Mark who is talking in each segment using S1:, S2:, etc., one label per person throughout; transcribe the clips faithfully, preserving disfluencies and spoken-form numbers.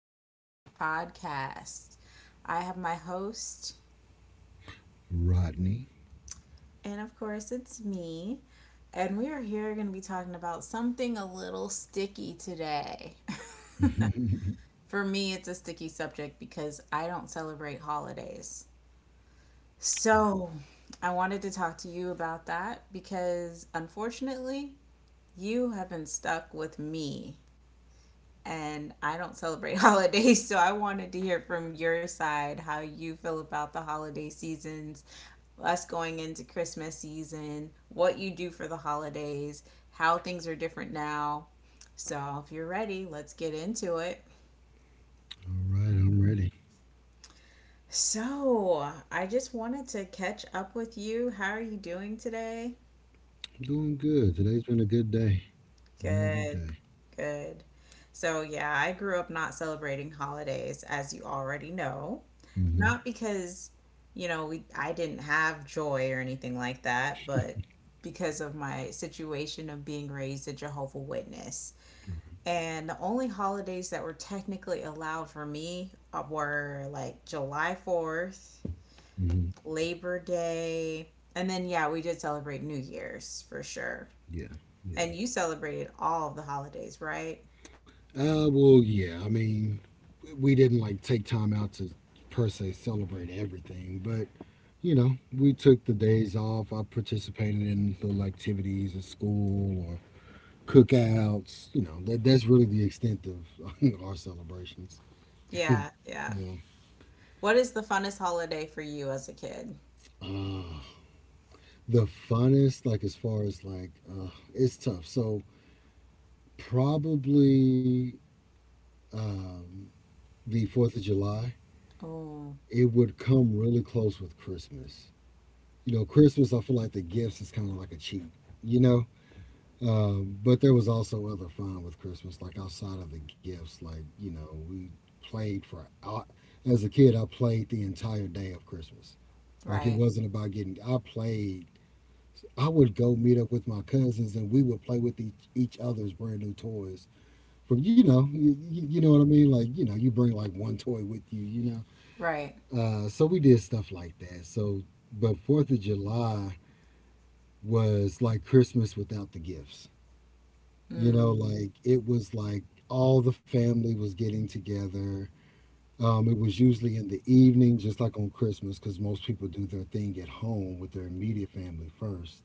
S1: funnest podcast. I have my host,
S2: Rodney.
S1: and of course, it's me. And we are here going to be talking about something a little sticky today. For me, it's a sticky subject because I don't celebrate holidays. So, I wanted to talk to you about that because unfortunately, you have been stuck with me and I don't celebrate holidays, so I wanted to hear from your side how you feel about the holiday seasons, us going into Christmas season, what you do for the holidays, how things are different now. So, if you're ready, let's get into it.
S2: All right, I'm ready.
S1: So, I just wanted to catch up with you. How are you doing today?
S2: I'm doing good. Today's been a good day. Very good
S1: Good,
S2: day.
S1: good. So, yeah, I grew up not celebrating holidays, as you already know.
S2: hmm
S1: Not because, you know, we I didn't have joy or anything like that, but because of my situation of being raised a Jehovah Witness. And the only holidays that were technically allowed for me uh, were like July fourth,
S2: hmm
S1: Labor Day, and then yeah, we did celebrate New Year's for sure.
S2: Yeah. Yeah.
S1: And you celebrated all of the holidays, right?
S2: Uh, well, yeah. I mean, we didn't like take time out to per se celebrate everything, but you know, we took the days off. I participated in little activities at school or cookouts. You know, that that's really the extent of our celebrations.
S1: Yeah, yeah.
S2: You
S1: What is the funnest holiday for you as a kid?
S2: know, uh, the funnest, like as far as like, uh, it's tough. So probably um, the Fourth of July.
S1: Oh,
S2: It would come really close with Christmas. You know, Christmas, I feel like the gifts is kind of like a cheat. You know, um, but there was also other fun with Christmas, like outside of the gifts. Like you know, we played for. I, as a kid, I played the entire day of Christmas. Like it
S1: right,
S2: wasn't about getting. I played. I would go meet up with my cousins, and we would play with each, each other's brand new toys for you know you, you know what I mean, like you know, you bring like one toy with you you
S1: right.
S2: know. Uh so we did stuff like that. So but Fourth of July was like Christmas without the gifts, you know,
S1: Mm,
S2: like it was like all the family was getting together. Um, it was usually in the evening just like on Christmas, because most people do their thing at home with their immediate family first,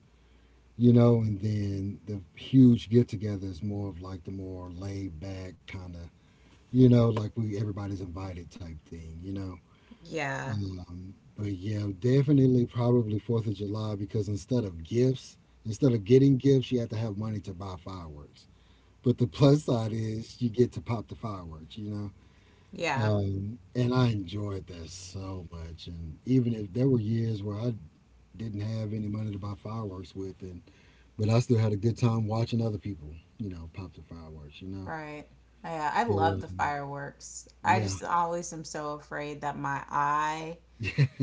S2: you know, and then the huge get together is more of like the more laid back kind of, you know, like we everybody's invited type thing, you know.
S1: yeah,
S2: Um, but yeah, definitely probably Fourth of July because instead of gifts, instead of getting gifts, you have to have money to buy fireworks. But the plus side is you get to pop the fireworks, you know.
S1: yeah,
S2: Um, and I enjoyed that so much. And even if there were years where I didn't have any money to buy fireworks with, and but I still had a good time watching other people, you know, pop the fireworks, you know.
S1: right. Yeah, I
S2: So
S1: love the
S2: uh,
S1: fireworks. I
S2: yeah,
S1: just always am so afraid that my eye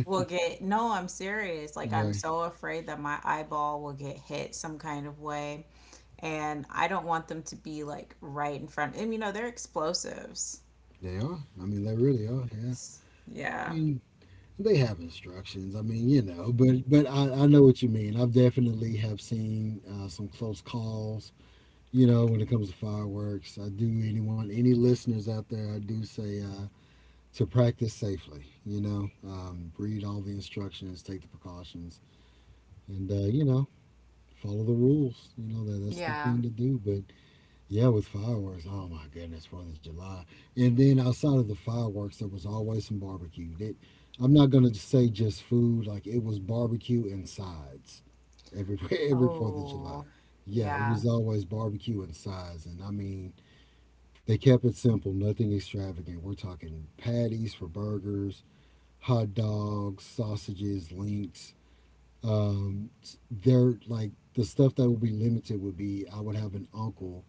S1: will get, no, I'm serious. Like, I'm
S2: right.
S1: so afraid that my eyeball will get hit some kind of way. And I don't want them to be like right in front. And you know, they're explosives.
S2: They are. I mean, they really are. Yeah.
S1: S-
S2: I
S1: Yeah.
S2: mean, they have instructions. I mean, you know, but but I, I know what you mean. I've definitely have seen uh, some close calls. You know, when it comes to fireworks, I do anyone any listeners out there. I do say uh, to practice safely. You know, um, read all the instructions, take the precautions, and uh, you know, follow the rules. You know that that's the
S1: Yeah.
S2: thing to do. But yeah, with fireworks. Oh my goodness, Fourth of July. And then outside of the fireworks, there was always some barbecue. That I'm not gonna say just food, like it was barbecue and sides every every Fourth of July.
S1: Oh,
S2: Yeah, it
S1: yeah.
S2: was always barbecue and sides, and I mean they kept it simple, nothing extravagant. We're talking patties for burgers, hot dogs, sausages, links. Um, s- they're like the stuff that would be limited would be I would have an uncle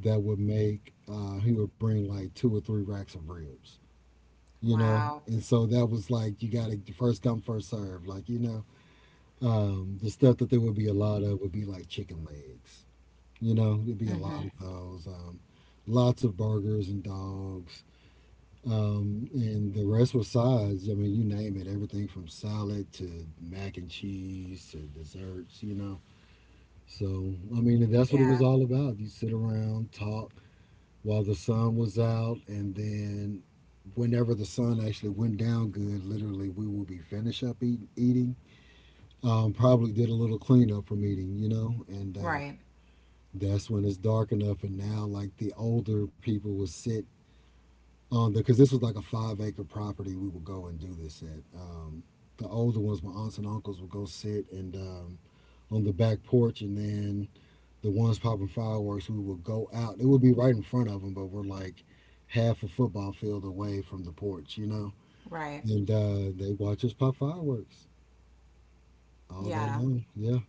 S2: that would make uh, he would bring like two or three racks of ribs, you know.
S1: Wow.
S2: And so that was like you got to first come first serve, like you know. Um, the stuff that there would be a lot of would be like chicken legs, you know. There'd be a
S1: hmm
S2: lot of those, um, lots of burgers and dogs, um, and the rest was sides. I mean, you name it, everything from salad to mac and cheese to desserts, you know. So I mean, and that's what it was
S1: Yeah.
S2: all about. You sit around, talk while the sun was out, and then whenever the sun actually went down good, literally we will be finished up eat, eating. Um, probably did a little cleanup from eating, you know, and uh,
S1: Right.
S2: that's when it's dark enough. And now, like the older people will sit on the because this was like a five acre property we would go and do this at. Um, the older ones, my aunts and uncles, would go sit and um, on the back porch, and then the ones popping fireworks, we would go out. It would be right in front of them, but we're like half a football field away from the porch, you know?
S1: Right.
S2: And uh, they watch us pop fireworks all day
S1: Yeah.
S2: long. Yeah,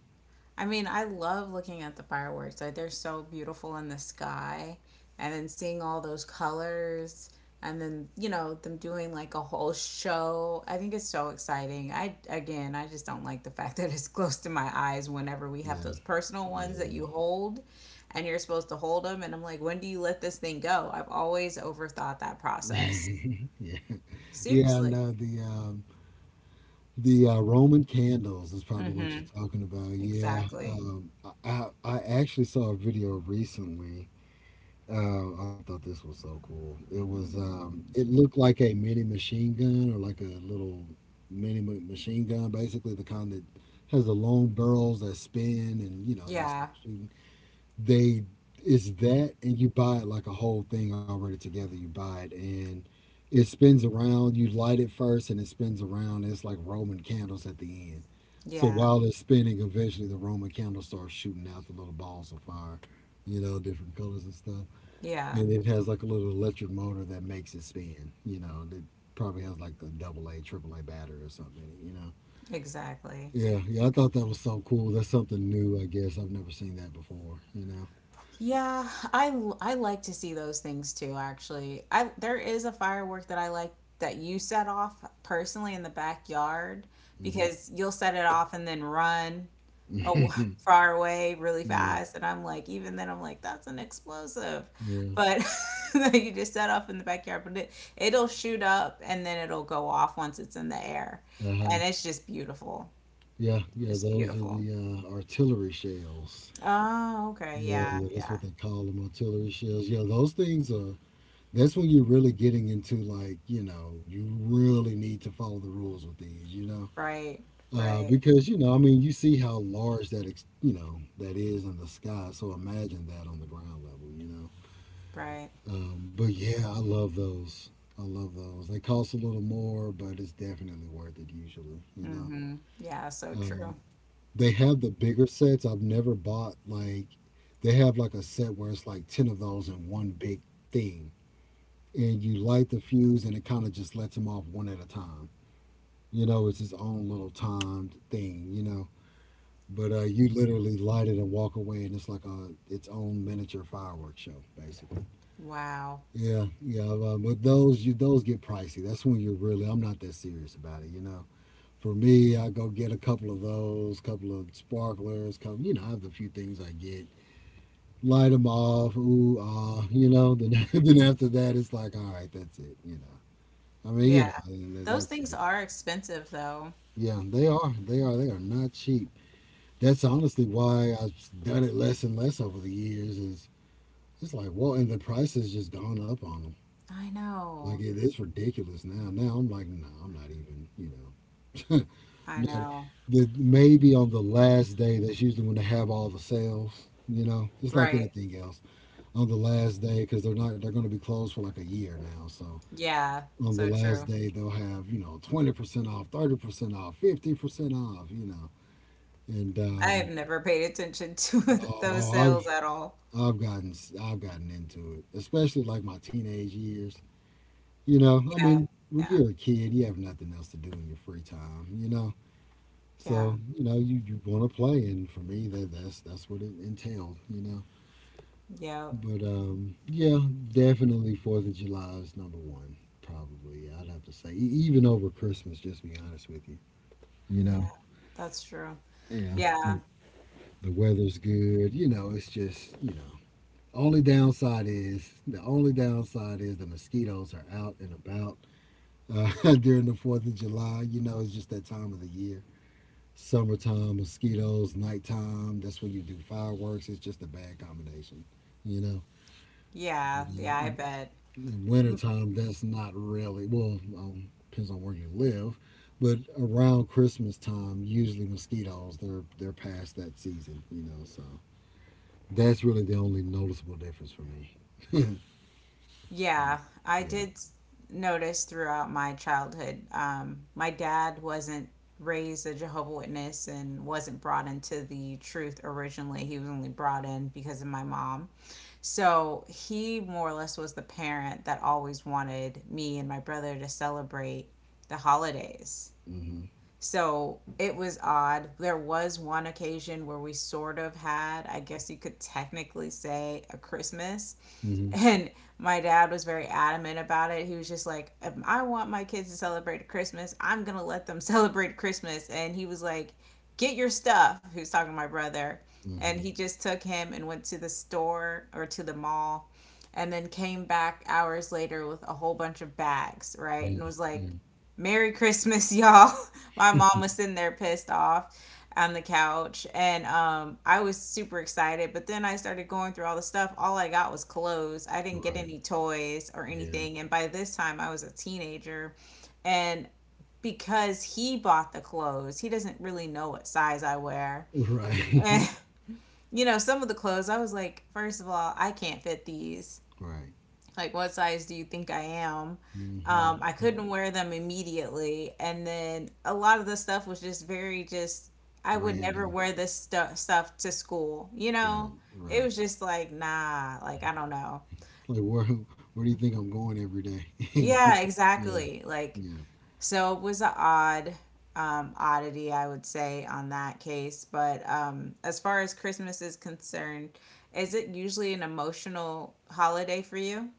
S1: I mean, I love looking at the fireworks. Like they're so beautiful in the sky and then seeing all those colors and then, you know, them doing like a whole show. I think it's so exciting. I again, I just don't like the fact that it's close to my eyes whenever we have
S2: yeah,
S1: those personal ones that
S2: yeah,
S1: you hold and you're supposed to hold them and I'm like, "When do you let this thing go?" I've always overthought that process.
S2: yeah. Yeah, I
S1: Seriously.
S2: know the um, the uh, Roman candles is probably what you're
S1: Mhm.
S2: talking about. Yeah,
S1: Exactly.
S2: um, I I I actually saw a video recently. Uh, I thought this was so cool. It was um, it looked like a mini machine gun or like a little mini ma- machine gun, basically the kind that has the long barrels that spin, and you know, then it's
S1: Yeah,
S2: shooting. They It's that, and you buy it like a whole thing already together. You buy it and it spins around. You light it first and it spins around. It's like Roman candles at the end. So
S1: yeah,
S2: while it's spinning, eventually the Roman candle starts shooting out the little balls of fire, you know, different colors and stuff,
S1: yeah,
S2: and it has like a little electric motor that makes it spin. You know, that probably has like a double A, triple A battery or something in it. You know.
S1: exactly.
S2: Yeah, yeah, I thought that was so cool. That's something new, I guess. I've never seen that before. You know.
S1: Yeah, I l- I like to see those things too, actually. I there is a firework that I like that you set off personally in the backyard
S2: hmm
S1: because you'll set it off and then run a far away really
S2: yeah,
S1: fast and I'm like even then I'm like that's an explosive.
S2: yeah,
S1: But that you just set off in the backyard, but it it'll shoot up and then it'll go off once it's in the air.
S2: uh
S1: And
S2: huh,
S1: it's just beautiful.
S2: yeah, yeah.
S1: It's
S2: Those are
S1: beautiful.
S2: the uh, artillery shells.
S1: Oh, okay.
S2: Yeah,
S1: Yeah,
S2: yeah, that's
S1: yeah.
S2: what they call them, artillery shells. Yeah, those things are. That's when you're really getting into like, you know, you really need to follow the rules with these. You know
S1: Right,
S2: uh,
S1: right,
S2: because you know, I mean, you see how large that ex- you know that is in the sky. So imagine that on the ground level, you know.
S1: right.
S2: Um, but yeah, I love those. I love those. They cost a little more, but it's definitely worth it. Usually, you know.
S1: Mm-hmm. Yeah, so true.
S2: Um, they have the bigger sets. I've never bought like they have like a set where it's like ten of those in one big thing, and you light the fuse, and it kind of just lets them off one at a time. You know, it's its own little timed thing. You know. But uh, you literally light it and walk away, and it's like a its own miniature fireworks show, basically.
S1: Wow.
S2: Yeah, yeah. Uh, but those you those get pricey. That's when you're really. I'm not that serious about it, you know. For me, I go get a couple of those, couple of sparklers, couple. You know, I have a few things I get, light them off. Ooh, ah, you know. Then, then after that, it's like, all right, that's it. You know. I mean, you know,
S1: Yeah.
S2: and that-
S1: Those
S2: that's
S1: things
S2: it.
S1: are expensive though.
S2: Yeah, they are. They are. They are not cheap. That's honestly why I've done it less and less over the years. Is it's like, well, and the price has just gone up on them.
S1: I
S2: Like
S1: know.
S2: it is ridiculous now. Now I'm like, no, I'm not even. You know,
S1: I
S2: not,
S1: know.
S2: the, maybe on the last day that's usually when they have all the sales. You know, it's like
S1: Right.
S2: anything else on the last day, because they're not they're going to be closed for like a year now. So
S1: Yeah,
S2: on the
S1: so
S2: last
S1: true.
S2: day they'll have you know twenty percent off, thirty percent off, fifty percent off. You know, and
S1: I have
S2: um,
S1: never paid attention to those
S2: oh,
S1: sales at all.
S2: oh, I've gotten I've gotten into it, especially like my teenage years. You know, I
S1: Yeah.
S2: mean, when
S1: Yeah.
S2: you're a kid, you have nothing else to do in your free time. You know,
S1: Yeah.
S2: so you know you, you want to play, and for me, that that's that's what it entailed. You know,
S1: Yep.
S2: but um, yeah, definitely Fourth of July is number one. Probably, I'd have to say, E- even over Christmas. Just to be honest with you, you
S1: Yeah.
S2: know,
S1: That's true.
S2: yeah,
S1: Yeah.
S2: the weather's good. You know, it's just you know, Only downside is the only downside is the mosquitoes are out and about uh, during the Fourth of July. You know, it's just that time of the year. Summertime, mosquitoes, nighttime. That's when you do fireworks. It's just a bad combination. You know.
S1: Yeah.
S2: But, uh,
S1: Yeah, I bet.
S2: in wintertime, that's not really well. Um, depends on where you live, but around Christmas time, usually mosquitoes they're they're past that season. You know, so that's really the only noticeable difference for me.
S1: Yeah, I
S2: Yeah.
S1: did s- notice throughout my childhood. Um, my dad wasn't raised a Jehovah Witness and wasn't brought into the truth originally. He was only brought in because of my mom. So he more or less was the parent that always wanted me and my brother to celebrate the holidays.
S2: Mm-hmm.
S1: So it was odd. There was one occasion where we sort of had, I guess you could technically say, a Christmas
S2: Mhm.
S1: and my dad was very adamant about it. He was just like, if I want my kids to celebrate Christmas, I'm going to let them celebrate Christmas. And he was like, get your stuff. He was talking to my brother. And
S2: Mhm.
S1: he just took him and went to the store or to the mall and then came back hours later with a whole bunch of bags, right?
S2: Yeah.
S1: And was
S2: Yeah.
S1: like, Merry Christmas, y'all. My mom was sitting there pissed off on the couch and um I was super excited but then I started going through all the stuff. All I got was clothes. I didn't get
S2: Right.
S1: any toys or
S2: Yeah.
S1: anything, and by this time I was a teenager. And because he bought the clothes, he doesn't really know what size I wear,
S2: Right.
S1: and you know, some of the clothes I was like, first of all, I can't fit these.
S2: Right.
S1: Like, what size do you think I am?
S2: Mhm.
S1: Um, I
S2: Mm.
S1: couldn't wear them immediately, and then a lot of the stuff was just very just I would never
S2: Random.
S1: wear this stuff stuff to school. You know,
S2: Right.
S1: it
S2: Right.
S1: was just like nah, like I don't know.
S2: It's like where where do you think I'm going every day?
S1: Yeah,
S2: yeah.
S1: exactly. Like
S2: Yeah.
S1: so it was a odd um, oddity, I would say, on that case. But um, as far as Christmas is concerned, is it usually an emotional holiday for you?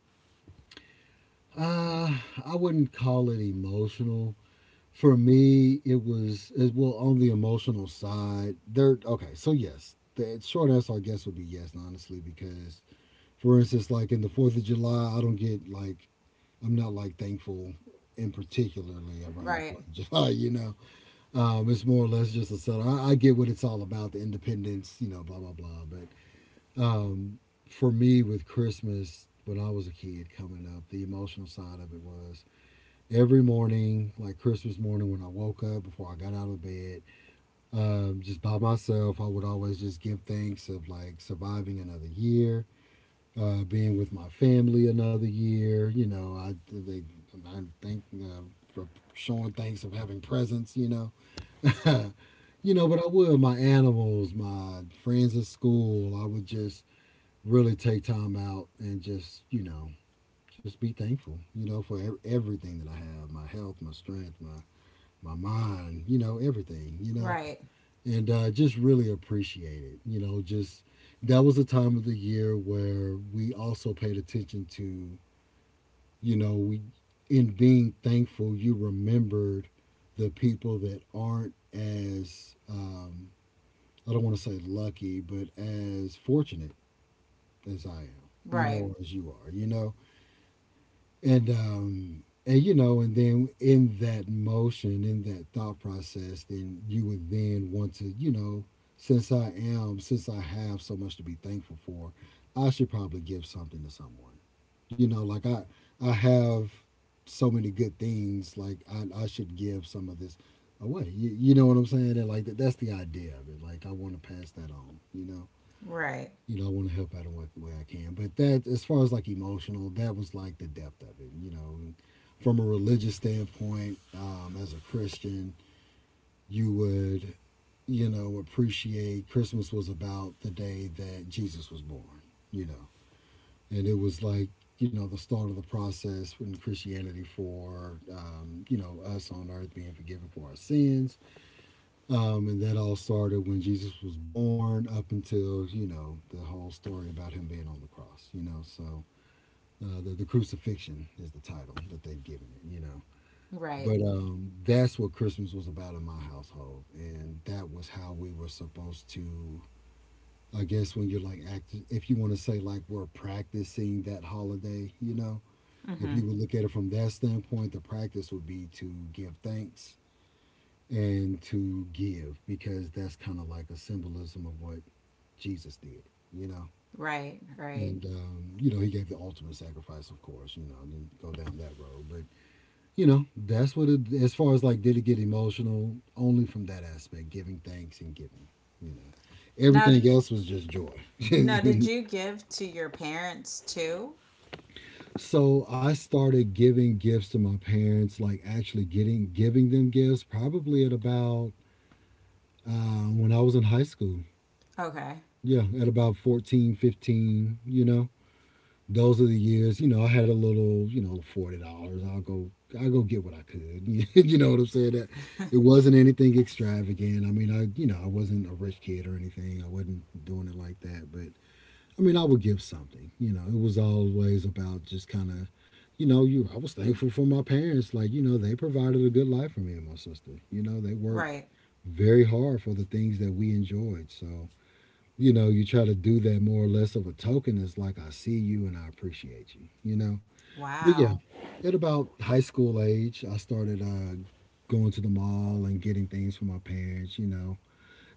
S2: Uh, I wouldn't call it emotional. For me, it was it, well on the emotional side. There. Okay. So yes, the short answer I guess would be yes, honestly, because for instance, like in the Fourth of July, I don't get like I'm not like thankful in particularly around the
S1: Right,
S2: Fourth of July. You know, um, it's more or less just a subtle. I, I get what it's all about, the independence, you know, blah blah blah. But um, for me, with Christmas, when I was a kid coming up, the emotional side of it was every morning, like Christmas morning, when I woke up before I got out of bed, um, just by myself, I would always just give thanks of like surviving another year uh, being with my family another year. You know, I they I think uh, for showing thanks of having presents. You know, you know, but I would my animals, my friends at school. I would just really take time out and just you know just be thankful. You know, for ev- everything that I have, my health, my strength, my my mind. You know, everything. You know,
S1: right,
S2: and uh, Just really appreciate it. You know, just that was a time of the year where we also paid attention to you know we in being thankful you remembered the people that aren't as um, I don't want to say lucky but as fortunate as I am, you
S1: right,
S2: know, as you are, you know and um and you know, and then in that motion, in that thought process, then you would then want to, you know, since i am since I have so much to be thankful for, I should probably give something to someone, you know, like i i have so many good things. Like i, I should give some of this away. You, you know what I'm saying? And like that, that's the idea of it. Like I want to pass that on, you know.
S1: right.
S2: You know, I want to help out in what way I can, but that as far as like emotional, that was like the depth of it, you know. From a religious standpoint, um, as a Christian, you would you know appreciate Christmas was about the day that Jesus was born, you know, and it was like you know the start of the process in Christianity, for um, you know, us on earth being forgiven for our sins, um, and that all started when Jesus was born up until you know the whole story about him being on the cross. You know, so uh, the, the crucifixion is the title that they've given it. You know,
S1: Right.
S2: but um, That's what Christmas was about in my household, and that was how we were supposed to. I guess when you're like act, if you want to say like we're practicing that holiday, you know, if
S1: Mm-hmm.
S2: you would look at it from that standpoint, the practice would be to give thanks and to give because that's kind of like a symbolism of what Jesus did, you know.
S1: Right. Right.
S2: And um, You know, he gave the ultimate sacrifice, of course, you know, and then go down that road. But you know, that's what it as far as like did it get emotional only from that aspect, giving thanks and giving, you know.
S1: Now,
S2: Everything else was just joy.
S1: now, did you give to your parents too?
S2: So I started giving gifts to my parents, like actually getting giving them gifts probably at about uh, when I was in high school.
S1: Okay.
S2: Yeah, at about fourteen, fifteen. You know. Those are the years, you know, I had a little, you know, forty dollars. I'll go I'll go get what I could. You know what I'm saying? That it wasn't anything extravagant. I mean I you know, I wasn't a rich kid or anything. I wasn't doing it like that, but I mean, I would give something. You know, it was always about just kind of, you know, you. I was thankful for my parents. Like, you know, they provided a good life for me and my sister. You know, they worked
S1: Right.
S2: very hard for the things that we enjoyed. So, you know, you try to do that more or less of a token. It's like I see you and I appreciate you. You know, but yeah,
S1: Wow.
S2: at about high school age, I started uh, going to the mall and getting things for my parents. You know,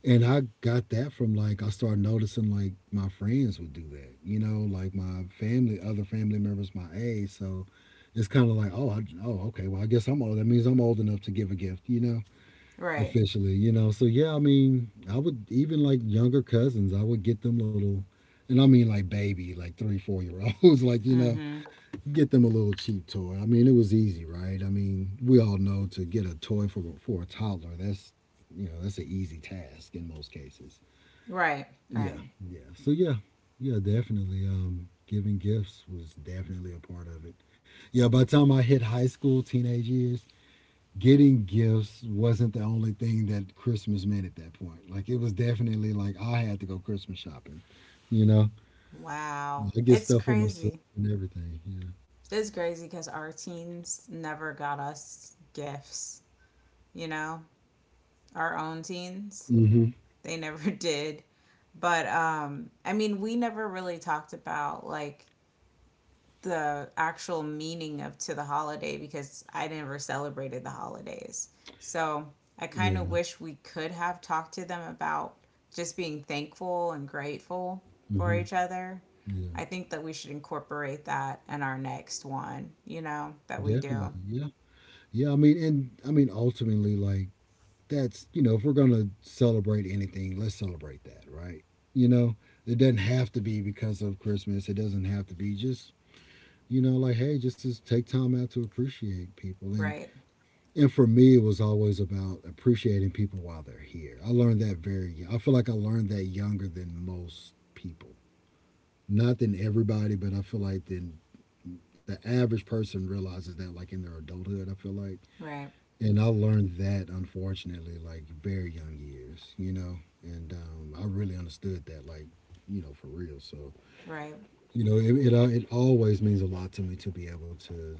S2: and I got that from like I started noticing like my friends would do that, you know, like my family, other family members my age. So it's kind of like, oh, I, oh, okay, well, I guess I'm old. That means I'm old enough to give a gift, you know,
S1: Right.
S2: officially, you know. So yeah, I mean, I would even like younger cousins, I would get them little, and I mean like baby, like three, four year olds, like you know,
S1: Mm-hmm.
S2: get them a little cheap toy. I mean, it was easy, right? I mean, we all know to get a toy for for a toddler, that's you know, that's an easy task in most cases.
S1: Right.
S2: Yeah,
S1: Right.
S2: yeah. So yeah, yeah, definitely. Um, giving gifts was definitely a part of it. Yeah, by the time I hit high school, teenage years, getting gifts wasn't the only thing that Christmas meant at that point. Like it was definitely like I had to go Christmas shopping. You know,
S1: Wow.
S2: I get
S1: It's
S2: stuff for myself
S1: crazy.
S2: and everything. Yeah.
S1: It's crazy because our teens never got us gifts, you know? Our own teens,
S2: Mm-hmm.
S1: they never did. But um I mean, we never really talked about like the actual meaning of to the holiday because I never celebrated the holidays. So I kind of
S2: Yeah.
S1: wish we could have talked to them about just being thankful and grateful for
S2: Mm-hmm.
S1: each other.
S2: Yeah.
S1: I think that we should incorporate that in our next one, you know, that we do.
S2: Definitely. Yeah. Yeah. I mean, and I mean, ultimately, like that's you know if we're gonna celebrate anything, let's celebrate that, right? You know, it doesn't have to be because of Christmas. It doesn't have to be just you know like hey, just, just take time out to appreciate people. And
S1: Right,
S2: and for me, it was always about appreciating people while they're here. I learned that very. Young. I feel like I learned that younger than most people. Not than everybody, but I feel like than the average person realizes that like in their adulthood. I feel like
S1: right,
S2: and I learned that unfortunately, like very young years, you know, and um, I really understood that, like, you know, for real. So,
S1: right.
S2: you know, it it, uh, it always means a lot to me to be able to,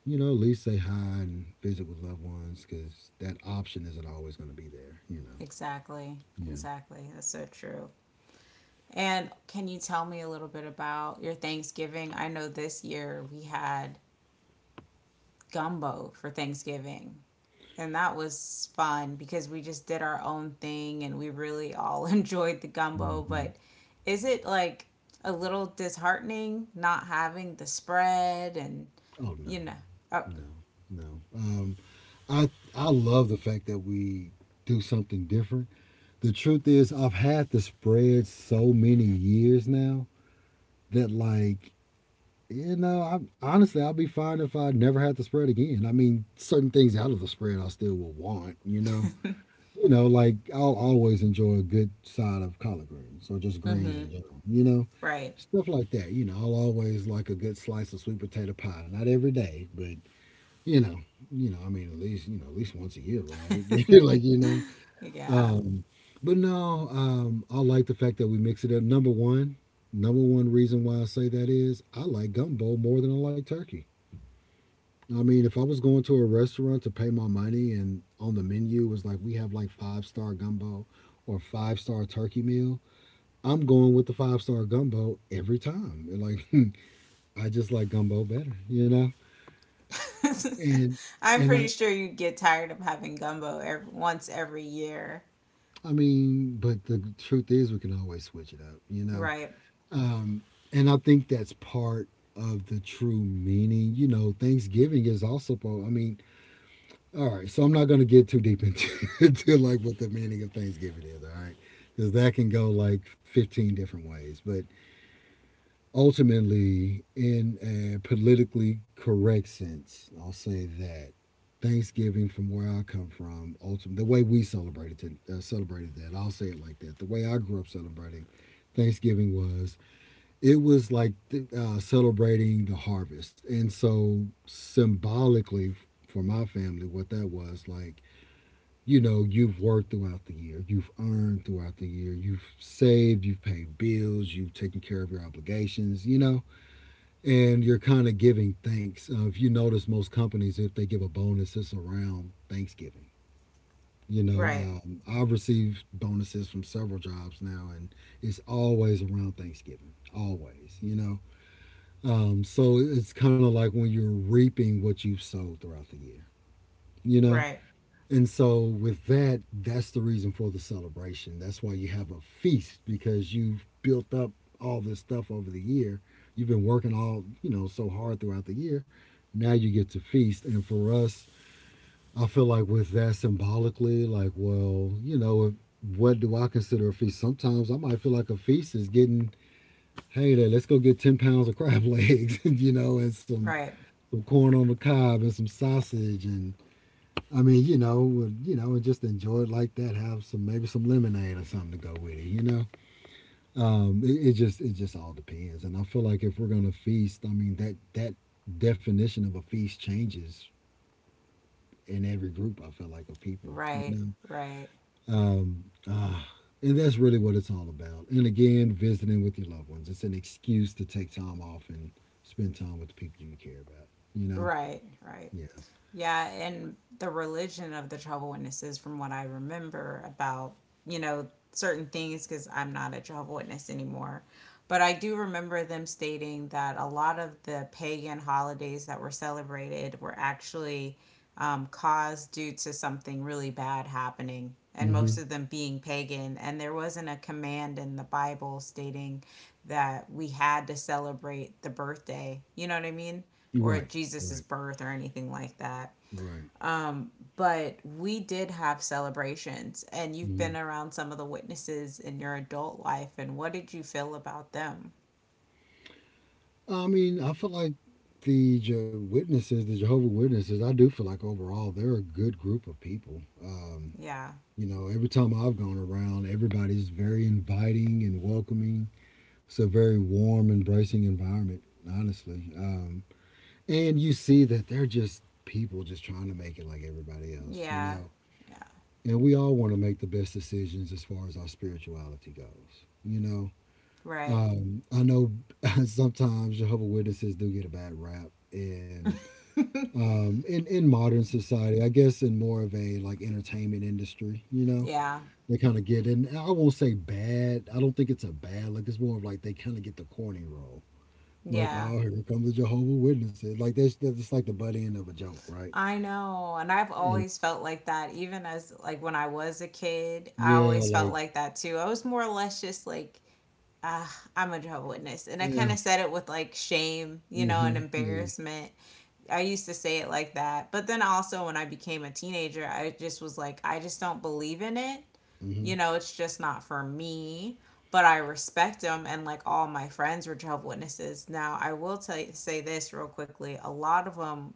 S2: you know, at least say hi and visit with loved ones because that option isn't always going to be there, you know.
S1: Exactly, exactly. That's so true. And can you tell me a little bit about your Thanksgiving? I know this year we had gumbo for Thanksgiving. And that was fun because we just did our own thing and we really all enjoyed the
S2: Yeah.
S1: gumbo.
S2: Hmm.
S1: But is it like a little disheartening not having the spread and,
S2: Oh no,
S1: you know, oh,
S2: no, no. Um, I I love the fact that we do something different. The truth is, I've had the spread so many years now that like you know, I, honestly, I'll be fine if I never had the spread again. I mean, certain things out of the spread I still will want, you know. You know, like I'll always enjoy a good side of collard greens or just greens
S1: mm-hmm,
S2: in general, you know.
S1: right.
S2: Stuff like that, you know, I'll always like a good slice of sweet potato pie. Not every day, but you know, you know, I mean, at least, you know, at least once a year, right? Like, you know,
S1: Yeah.
S2: um, but no, um, I like the fact that we mix it up. Number one, number one reason why I say that is I like gumbo more than I like turkey. I mean, if I was going to a restaurant to pay my money and on the menu was like we have like five star gumbo or five star turkey meal, I'm going with the five star gumbo every time. And like I just like gumbo better, you know? And
S1: I'm
S2: and
S1: pretty
S2: I
S1: sure you get tired of having gumbo every, once every year.
S2: I mean, but the truth is we can always switch it up, you know.
S1: Right.
S2: Um, and I think that's part of the true meaning. You know, Thanksgiving is also. I mean, all right. So I'm not going to get too deep into, into like what the meaning of Thanksgiving is. All right, because that can go like fifteen different ways. But ultimately, in a politically correct sense, I'll say that Thanksgiving, from where I come from, ultimately the way we celebrated uh, celebrated that. I'll say it like that. The way I grew up celebrating Thanksgiving was it was like uh, celebrating the harvest. And so, symbolically, for my family, what that was like, you know, you've worked throughout the year, you've earned throughout the year, you've saved, you've paid bills, you've taken care of your obligations, you know, and you're kind of giving thanks. Uh, if you notice, most companies, if they give a bonus, it's around Thanksgiving. You know,
S1: Right.
S2: um, I've received bonuses from several jobs now, and it's always around Thanksgiving, always, you know. Um, so it's kind of like when you're reaping what you've sowed throughout the year, you know?
S1: Right.
S2: And so with that, that's the reason for the celebration. That's why you have a feast because you've built up all this stuff over the year. You've been working all, you know, so hard throughout the year. Now you get to feast. And for us, I feel like with that symbolically, like, well, you know, if, what do I consider a feast? Sometimes I might feel like a feast is getting, hey, there, let's go get ten pounds of crab legs, you know, and some
S1: Right.
S2: some corn on the cob and some sausage and I mean, you know, would, you know, and just enjoy it like that. Have some maybe some lemonade or something to go with it. You know, um, it, it just it just all depends. And I feel like if we're gonna feast, I mean that that definition of a feast changes in every group. I feel like of people.
S1: Right.
S2: You
S1: Right.
S2: know, um, ah, and that's really what it's all about. And again, visiting with your loved ones. It's an excuse to take time off and spend time with the people you care about. You know,
S1: Right, right.
S2: yeah,
S1: Yeah, and the religion of the Jehovah Witnesses, from what I remember about, you know, certain things, because I'm not a Jehovah Witness anymore. But I do remember them stating that a lot of the pagan holidays that were celebrated were actually um, caused due to something really bad happening, and
S2: mm-hmm.
S1: most of them being pagan. And there wasn't a command in the Bible stating that we had to celebrate the birthday. You know what I mean? Or
S2: Right,
S1: at Jesus's
S2: right.
S1: birth or anything like that.
S2: Right.
S1: Um, but we did have celebrations, and you've been
S2: Mhm.
S1: around some of the witnesses in your adult life, and what did you feel about them?
S2: I mean, I feel like the Je- witnesses, the Jehovah Witnesses, I do feel like overall they're a good group of people. Um,
S1: Yeah,
S2: you know, every time I've gone around, everybody's very inviting and welcoming. It's a very warm, embracing environment, honestly. Um, and you see that they're just people just trying to make it like everybody else, you
S1: yeah,
S2: know.
S1: yeah,
S2: And we all want to make the best decisions as far as our spirituality goes, you know.
S1: right,
S2: Um, I know sometimes Jehovah Witnesses do get a bad rap in, um, in in modern society. I guess in more of a like entertainment industry, you know,
S1: yeah,
S2: they kind of get in. I won't say bad. I don't think it's a bad look. It's more of like they kind of get the corny role. Like,
S1: yeah.
S2: oh, here comes the Jehovah Witnesses. Like that's that's just like the butt end of a joke, right?
S1: I know, and I've
S2: And
S1: always felt like that, even as like when I was a kid, I
S2: yeah,
S1: always
S2: like
S1: felt like that too. I was more or less just like, ah, I'm a Jehovah Witness, and I
S2: yeah,
S1: kind of said it with like shame, you know, and
S2: mm-hmm, yeah,
S1: embarrassment I used to say it like that. But then also when I became a teenager, I just was like, I just don't believe in it.
S2: mm-hmm,
S1: You know, it's just not for me. But I respect them, and like all my friends were Jehovah's Witnesses. Now I will tell you, say this real quickly: a lot of them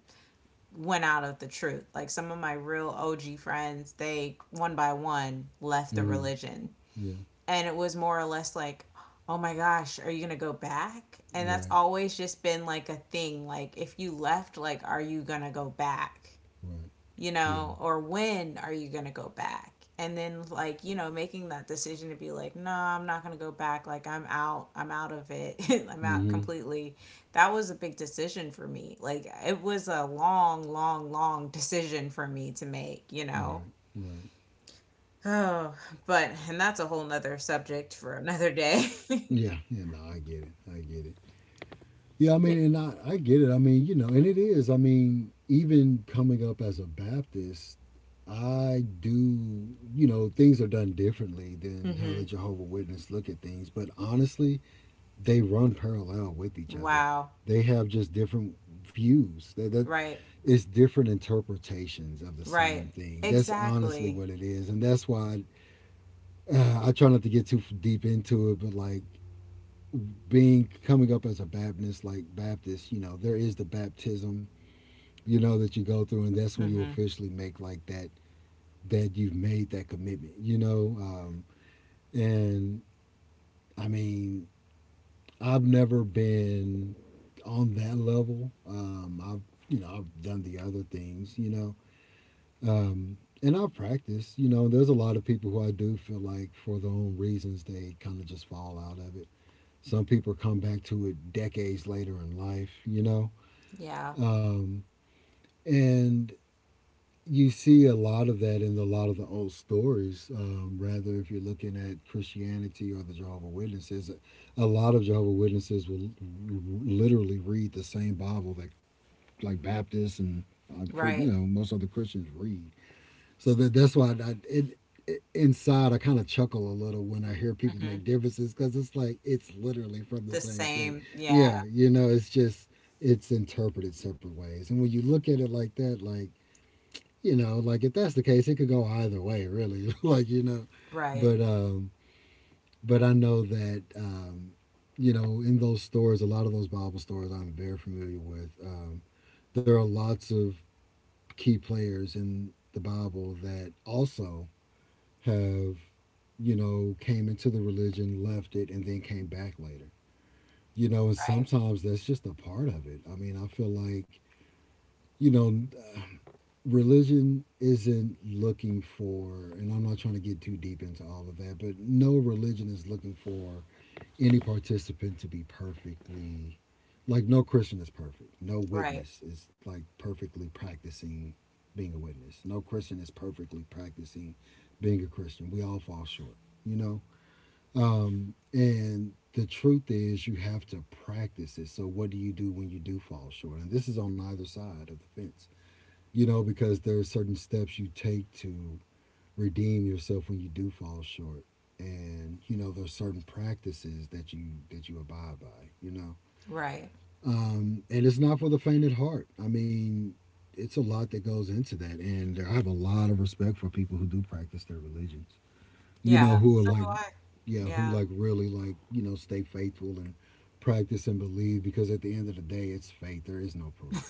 S1: went out of the truth. Like some of my real O G friends, they one by one left the
S2: mm-hmm,
S1: religion,
S2: yeah,
S1: and it was more or less like, oh my gosh, are you gonna go back? And that's
S2: right,
S1: always just been like a thing, like if you left, like are you gonna go back,
S2: right,
S1: you
S2: yeah,
S1: know, or when are you gonna go back? And then, like, you know, making that decision to be like, no, nah, I'm not going to go back, like I'm out. I'm out of it. I'm out
S2: mm-hmm,
S1: completely. That was a big decision for me. Like it was a long, long, long decision for me to make, you know.
S2: right, right.
S1: Oh, but and that's a whole nother subject for another day.
S2: Yeah, yeah, no, I get it. I get it. Yeah, I mean, and I, I get it. I mean, you know, and it is. I mean, even coming up as a Baptist, I do, you know, things are done differently than how
S1: hmm
S2: the Jehovah Witness look at things. But honestly, they run parallel with each other.
S1: Wow.
S2: They have just different views. That, that
S1: Right.
S2: it's different interpretations of the
S1: Right.
S2: same thing. That's honestly
S1: Exactly.
S2: what it is, and that's why uh, I try not to get too f- deep into it. But like, being coming up as a Baptist, like Baptist, you know, there is the baptism, you know, that you go through, and that's when you
S1: hmm
S2: officially make like that that you've made that commitment, you know. Um, and I mean, I've never been on that level. Um, I've you know I've done the other things, you know, um, and I've practiced. You know, there's a lot of people who I do feel like for their own reasons they kind of just fall out of it. Some people come back to it decades later in life, you know.
S1: Yeah.
S2: Um, and you see a lot of that in a lot of the old stories. Um, rather, if you're looking at Christianity or the Jehovah Witnesses, a lot of Jehovah Witnesses will literally read the same Bible that like Baptists and, um,
S1: Right.
S2: you know, most other Christians read. So that that's why I, it, it- inside I kind of chuckle a little when I hear people
S1: hmm
S2: make differences because it's like it's literally from the
S1: The
S2: same thing.
S1: same. Yeah.
S2: Yeah, you know, it's just it's interpreted separate ways, and when you look at it like that, like you know, like if that's the case, it could go either way, really. Like you know,
S1: Right.
S2: but um, but I know that, um, you know, in those stores, a lot of those Bible stores I'm very familiar with, um, there are lots of key players in the Bible that also have, you know, came into the religion, left it, and then came back later. You know, and
S1: Right.
S2: sometimes that's just a part of it. I mean, I feel like, you know, religion isn't looking for, and I'm not trying to get too deep into all of that, but no religion is looking for any participant to be perfectly, like, no Christian is perfect. No
S1: Right.
S2: witness is like perfectly practicing being a witness. No Christian is perfectly practicing being a Christian. We all fall short, you know? And the truth is, you have to practice it. So, what do you do when you do fall short? And this is on either side of the fence, you know, because there are certain steps you take to redeem yourself when you do fall short. And you know, there are certain practices that you that you abide by, you know.
S1: Right.
S2: Um, and it's not for the faint at heart. I mean, it's a lot that goes into that, and I have a lot of respect for people who do practice their religions. You
S1: Yeah.
S2: know, who are
S1: So
S2: like
S1: do I.
S2: yeah, who
S1: Yeah.
S2: like really like you know stay faithful and practice and believe because at the end of the day, it's faith. There is no proof.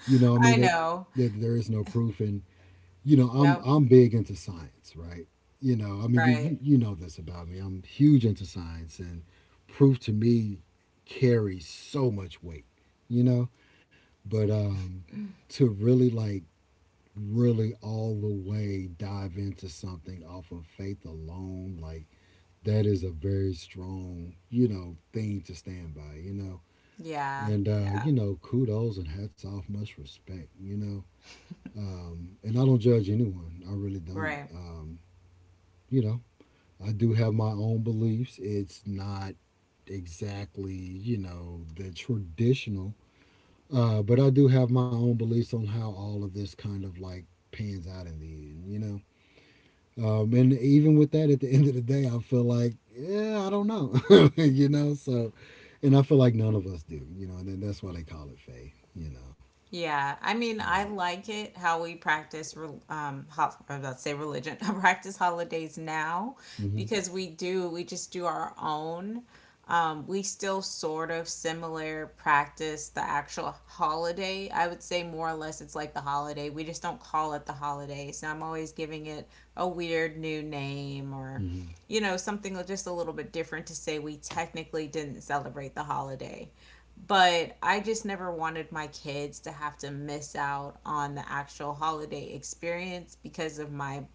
S2: You know, I mean,
S1: I
S2: it,
S1: know.
S2: it there is no proof, and you know, I'm
S1: Yep.
S2: I'm big into science, right? You know, I mean, you
S1: Right.
S2: you, you know this about me. I'm huge into science, and proof to me carries so much weight. You know, but um, to really like really all the way dive into something off of faith alone like that is a very strong, you know, thing to stand by, you know.
S1: Yeah.
S2: And, uh, you
S1: Yeah.
S2: know, kudos and hats off, much respect, you know. Um, and I don't judge anyone. I really don't.
S1: Right.
S2: Um, you know, I do have my own beliefs. It's not exactly, you know, the traditional, uh, but I do have my own beliefs on how all of this kind of like pans out in the end, you know. Um, and even with that, at the end of the day, I feel like, yeah, I don't know, you know. So and I feel like none of us do. You know, and then that's why they call it faith. You know.
S1: Yeah, I mean, I
S2: Mm-hmm.
S1: like it how we practice, re- um, ho- I was about to say religion, practice holidays now
S2: Mm-hmm.
S1: because we do, we just do our own. Um, we still sort of similar practice the actual holiday. I would say more or less it's like the holiday. We just don't call it the holiday. So I'm always giving it a weird new name or,
S2: Mm-hmm.
S1: you know, something just a little bit different to say we technically didn't celebrate the holiday but I just never wanted my kids to have to miss out on the actual holiday experience because of my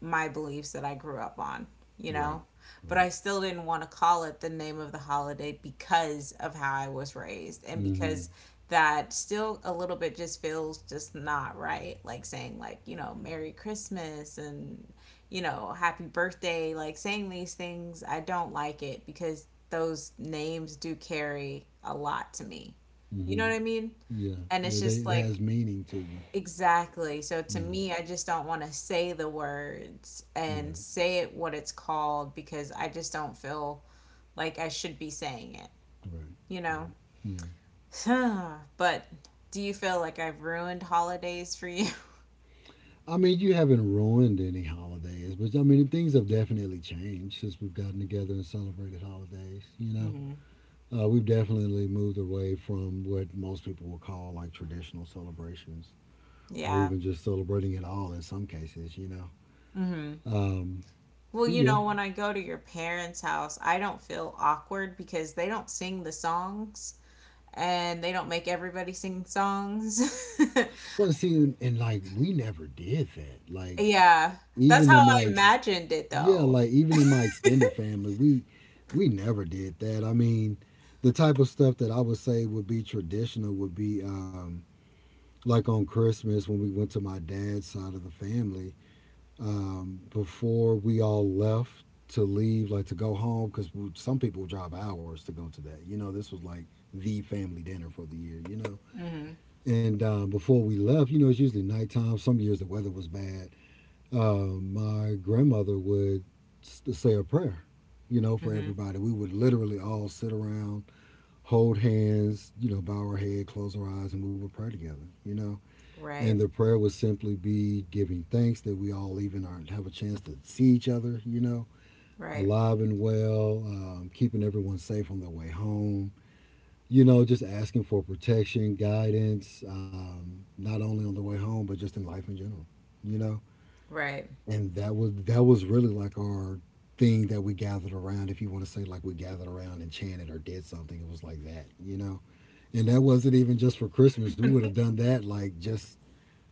S1: my beliefs that I grew up on, you
S2: Right.
S1: know? But
S2: Right.
S1: I still didn't want to call it the name of the holiday because of how I was raised and
S2: Mm-hmm.
S1: because that still a little bit just feels just not right. Like saying, like, you know, Merry Christmas, and you know, Happy Birthday, like saying these things, I don't like it because those names do carry a lot to me. You know
S2: Mm-hmm.
S1: what I mean?
S2: Yeah.
S1: And it's
S2: Yeah. They,
S1: just
S2: it
S1: like,
S2: has meaning to you.
S1: exactly. So to
S2: Yeah.
S1: me, I just don't want to say the words and
S2: Right.
S1: say it what it's called because I just don't feel like I should be saying it,
S2: Right.
S1: you know?
S2: Right. Yeah.
S1: But do you feel like I've ruined holidays for you?
S2: I mean, you haven't ruined any holidays, but I mean, things have definitely changed since we've gotten together and celebrated holidays. You know,
S1: Hmm.
S2: uh, we've definitely moved away from what most people would call like traditional celebrations, or
S1: Yeah.
S2: even just celebrating at all in some cases. You know,
S1: Hmm.
S2: um,
S1: Well, you
S2: yeah.
S1: know, when I go to your parents' house, I don't feel awkward because they don't sing the songs and they don't make everybody sing songs.
S2: Well, see, and, and like we never did that. Like
S1: Yeah. That's
S2: even
S1: how
S2: in
S1: I
S2: my ex-
S1: imagined it
S2: yeah,
S1: though.
S2: like even in my extended family, we we never did that. I mean, the type of stuff that I would say would be traditional would be, um, like on Christmas when we went to my dad's side of the family, um, before we all left to leave, like to go home, because some people drive hours to go to that. You know, this was like the family dinner for the year. You know,
S1: Hmm.
S2: and uh, before we left, you know, it's usually nighttime. Some years the weather was bad. Uh, my grandmother would say a prayer, you know, for everybody. We would literally all sit around, hold hands, you know, bow our head, close our eyes, and we would pray together, you know. And
S1: Right,
S2: the prayer would simply be giving thanks that we all even are, have a chance to see each other, you know,
S1: right,
S2: alive and well, um, keeping everyone safe on their way home, you know, just asking for protection, guidance, um, not only on the way home, but just in life in general, you know?
S1: right,
S2: And that was that was really like our thing that we gathered around. If you want to say like we gathered around and chanted or did something, it was like that, you know? And that wasn't even just for Christmas. We would have done that like just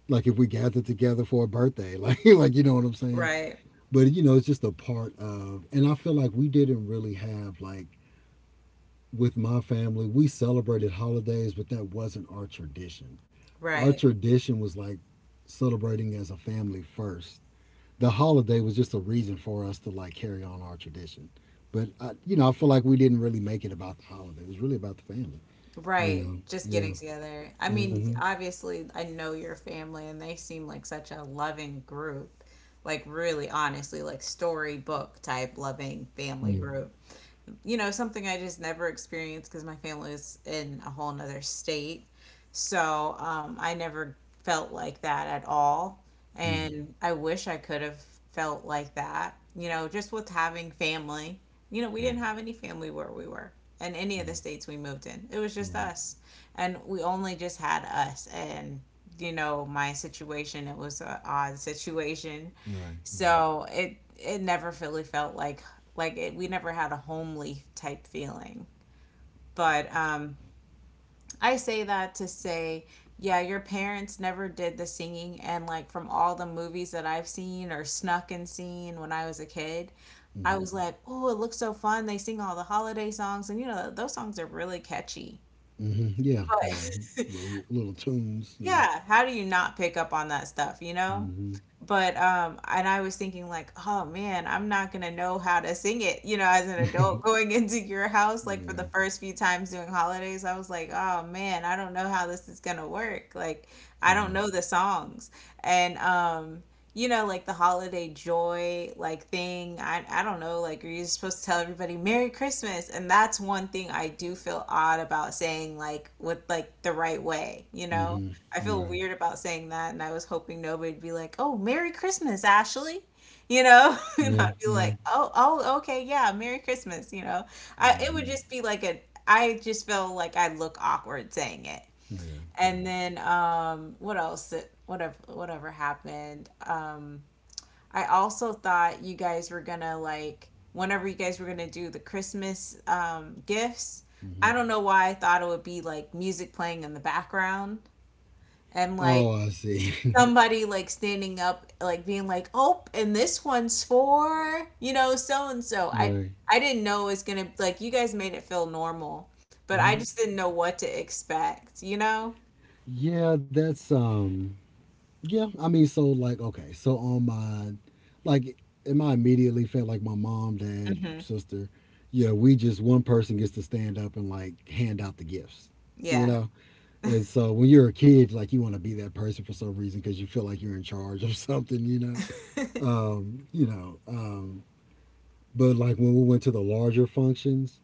S2: like if we gathered together for a birthday, like like you know what I'm saying?
S1: right,
S2: But you know, it's just a part of and I feel like we didn't really have like with my family, we celebrated holidays, but that wasn't our tradition. Our
S1: right,
S2: tradition was like celebrating as a family first. The holiday was just a reason for us to like carry on our tradition. But I, you know, I feel like we didn't really make it about the holiday. It was really about the family. You
S1: right.
S2: know?
S1: Just
S2: Yeah.
S1: getting together. I mean,
S2: Mm-hmm.
S1: obviously, I know your family, and they seem like such a loving group. Like, really, honestly, like storybook type loving family
S2: Mm.
S1: group. You know, something I just never experienced because my family is in a whole nother state. So um, I never felt like that at all.
S2: Mm.
S1: And I wish I could have felt like that, you know, just with having family. You know, we didn't
S2: Mm.
S1: have any family where we were in any of the
S2: Mm.
S1: states we moved in. It was just
S2: Right.
S1: us. And we only just had us. And, you know, my situation, it was an odd situation.
S2: Right. Right.
S1: So it, it never really felt like like it, we never had a homely type feeling. But um, I say that to say, yeah, your parents never did the singing, and like from all the movies that I've seen or snuck and seen when I was a kid,
S2: Mm-hmm.
S1: I was like, oh, it looks so fun. They sing all the holiday songs, and you know those songs are really catchy.
S2: Mm-hmm. Yeah. Yeah.
S1: But
S2: Little, little tunes. Yeah.
S1: yeah, how do you not pick up on that stuff, you know?
S2: Mm-hmm.
S1: But um and I was thinking like, oh man, I'm not gonna know how to sing it, you know, as an adult going into your house, like for
S2: Yeah.
S1: the first few times doing holidays, I was like, oh man, I don't know how this is gonna work. Like, I
S2: Yeah.
S1: don't know the songs. And um you know, like the holiday joy like thing. I I don't know, like you're supposed to tell everybody Merry Christmas. And that's one thing I do feel odd about saying like with like the right way, you know? I
S2: Mm-hmm.
S1: feel
S2: Right.
S1: weird about saying that, and I was hoping nobody'd be like, "Oh, Merry Christmas, Ashley," you know, and
S2: Yeah,
S1: I'd be
S2: yeah.
S1: like, "Oh, oh, okay, yeah, Merry Christmas." you know. I it would
S2: Hmm.
S1: just be like a. I just feel like I look awkward saying it.
S2: Yeah, yeah.
S1: And then um, what else? that- Whatever, whatever happened. Um, I also thought you guys were gonna like whenever you guys were gonna do the Christmas um, gifts. I
S2: Hmm.
S1: don't know why I thought it would be like music playing in the background, and like
S2: Oh, I see.
S1: somebody like standing up like being like, oh, and this one's for you know so and so. i
S2: Right.
S1: i didn't know it was gonna like, you guys made it feel normal, but I
S2: Hmm.
S1: just didn't know what to expect you know
S2: Yeah, that's um. Yeah, I mean, so like, okay, so on my, like, am I immediately felt like my mom, dad,
S1: Mm-hmm.
S2: sister? Yeah, we just one person gets to stand up and like hand out the gifts, you
S1: Yeah.
S2: know. And so when you're a kid, like you want to be that person for some reason because you feel like you're in charge of something, you know. Um, you know. Um, but like when we went to the larger functions,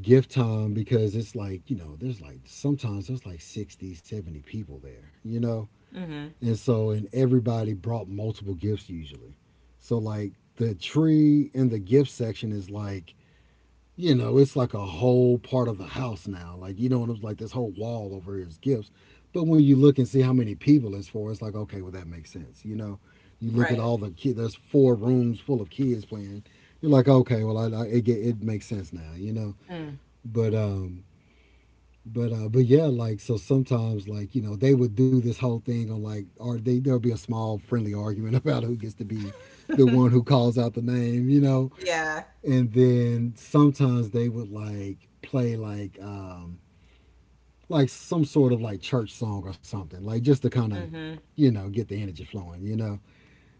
S2: gift time because it's like you know there's like sometimes there's like sixty seventy people there, you know,
S1: Mm-hmm.
S2: and so and everybody brought multiple gifts usually, so like the tree in the gift section is like, you know, it's like a whole part of the house now, like, you know, and it was like this whole wall over his gifts. But when you look and see how many people it's for, it's like okay, well that makes sense, you know. You look at
S1: Right.
S2: all the kids, there's four rooms full of kids playing. You're like okay, well I, I, it, it makes sense now, you know.
S1: Mm.
S2: But um but uh, but yeah, like so sometimes like, you know, they would do this whole thing on like, or they there'll be a small friendly argument about who gets to be the one who calls out the name, you know.
S1: Yeah.
S2: And then sometimes they would like play like um like some sort of like church song or something, like just to kind of,
S1: Mm-hmm.
S2: you know, get the energy flowing, you know.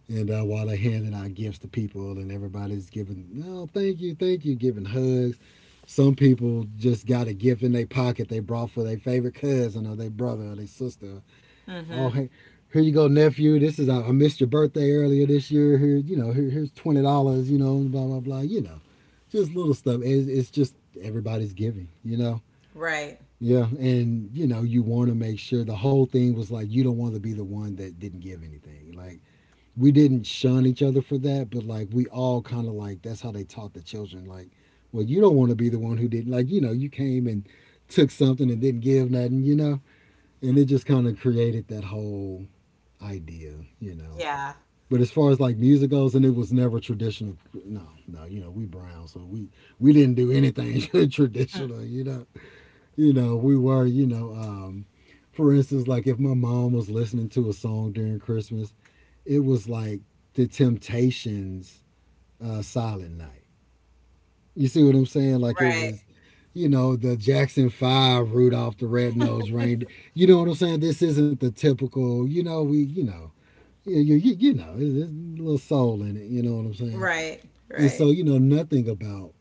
S2: And uh, while they're handing out gifts to people, and everybody's giving, no, thank you, thank you, giving hugs. Some people just got a gift in their pocket they brought for their favorite cousin or their brother or their sister. Oh,
S1: Mm-hmm.
S2: hey, here you go, nephew. This is, I, I missed your birthday earlier this year. Here, you know, here, here's twenty dollars you know, blah, blah, blah, you know. Just little stuff. It's, it's just everybody's giving, you know.
S1: Right.
S2: Yeah, and you know, you want to make sure the whole thing was like you don't want to be the one that didn't give anything. Like we didn't shun each other for that, but like we all kind of like, that's how they taught the children. Like, well, you don't want to be the one who didn't, like, you know, you came and took something and didn't give nothing, you know, and it just kind of created that whole idea, you know.
S1: Yeah.
S2: But as far as like music goes, and it was never traditional. No, no, you know, we brown, so we we didn't do anything
S1: Mm.
S2: traditional, you know. You know, we were, you know, um, for instance, like if my mom was listening to a song during Christmas, it was like the Temptations, uh, Silent Night. You see what I'm saying? Like it
S1: Right,
S2: was, you know, the Jackson Five, Rudolph the Red Nosed Reindeer. You know what I'm saying? This isn't the typical. You know, we, you know, you you, you, know, there's a little soul in it. You know what I'm saying?
S1: right,
S2: And
S1: right.
S2: so, you know, nothing about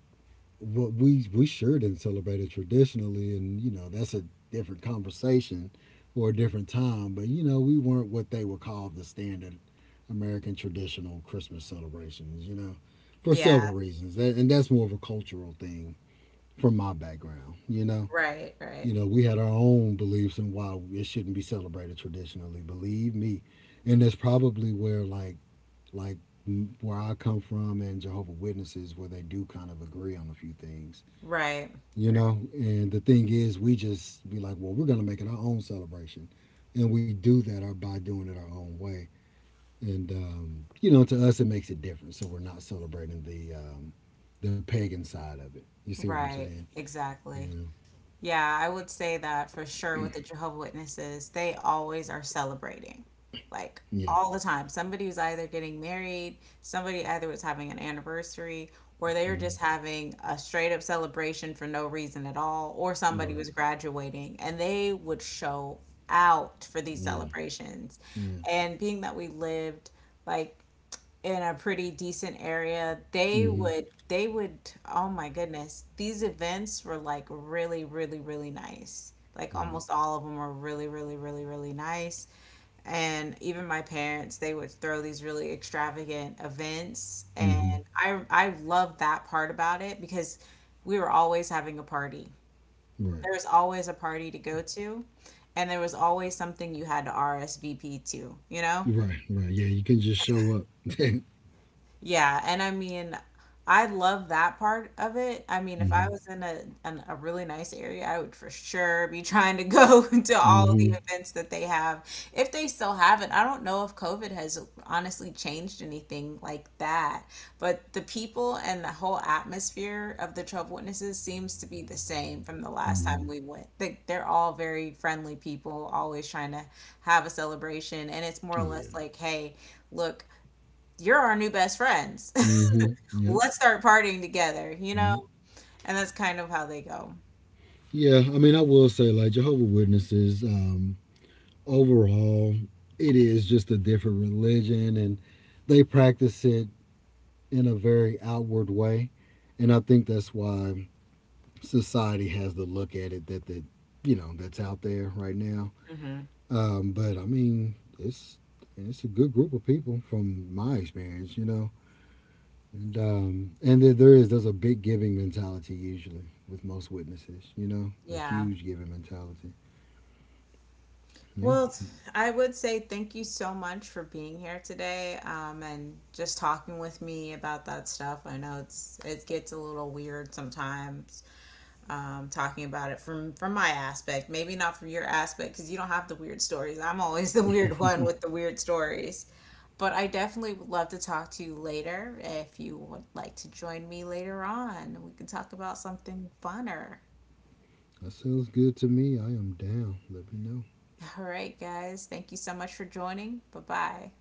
S2: what we we sure didn't celebrate it traditionally, and you know, that's a different conversation for a different time. But you know, we weren't what they would call the standard American traditional Christmas celebrations, you know, for
S1: Yeah.
S2: several reasons. That, and that's more of a cultural thing from my background, you know.
S1: Right, right,
S2: You know, we had our own beliefs and why it shouldn't be celebrated traditionally, believe me. And that's probably where like like where I come from and Jehovah Witnesses where they do kind of agree on a few things,
S1: right,
S2: you
S1: right,
S2: know. And the thing is we just be like, well, we're going to make it our own celebration. And we do that uh, by doing it our own way and um, you know, to us it makes it different. So we're not celebrating the um, the pagan side of it. You see what I'm
S1: right.
S2: saying?
S1: Exactly.
S2: Yeah,
S1: Yeah, I would say that for sure with the Jehovah Witnesses, they always are celebrating. Like
S2: yeah,
S1: all the time. Somebody was either getting married, somebody either was having an anniversary, or they were
S2: hmm,
S1: just having a straight up celebration for no reason at all, or somebody
S2: right,
S1: was graduating, and they would show out for these
S2: yeah,
S1: celebrations.
S2: yeah,
S1: And being that we lived like in a pretty decent area, they
S2: hmm,
S1: would they would oh my goodness, these events were like really really really nice, like
S2: right,
S1: almost all of them were really really really really nice. And even my parents, they would throw these really extravagant events, and
S2: hmm,
S1: i i love that part about it because we were always having a party. There
S2: right,
S1: was always a party to go to, and there was always something you had to R S V P to you know
S2: right, right. Yeah, you can just show up.
S1: Yeah, and I mean, I love that part of it. I mean, if I
S2: Hmm.
S1: was in a an, a really nice area, I would for sure be trying to go to all the
S2: Hmm.
S1: events that they have. If they still have it, I don't know if COVID has honestly changed anything like that, but the people and the whole atmosphere of the twelve Witnesses seems to be the same from the last time
S2: Hmm.
S1: we went. They, they're all very friendly people, always trying to have a celebration, and it's more or
S2: Oh yeah.
S1: less like, hey, look, you're our new best friends.
S2: Hmm. Yep.
S1: Let's start partying together, you
S2: Yep.
S1: know? And that's kind of how they go.
S2: Yeah. I mean, I will say, like Jehovah Witnesses, um, overall, it is just a different religion, and they practice it in a very outward way. And I think that's why society has the look at it that that, you know, that's out there right now.
S1: Hmm.
S2: Um, but I mean, it's it's a good group of people from my experience, you know. And um, and there is there's a big giving mentality usually with most witnesses, you know, a
S1: Yeah.
S2: huge giving mentality. Yeah,
S1: Well, t- I would say thank you so much for being here today, um, and just talking with me about that stuff. I know it's it gets a little weird sometimes, um, talking about it from from my aspect, maybe not from your aspect because you don't have the weird stories. I'm always the weird one with the weird stories, but I definitely would love to talk to you later. If you would like to join me later on, we can talk about something funner.
S2: that sounds good to me. I am down. Let me know.
S1: All right guys, thank you so much for joining. Bye bye.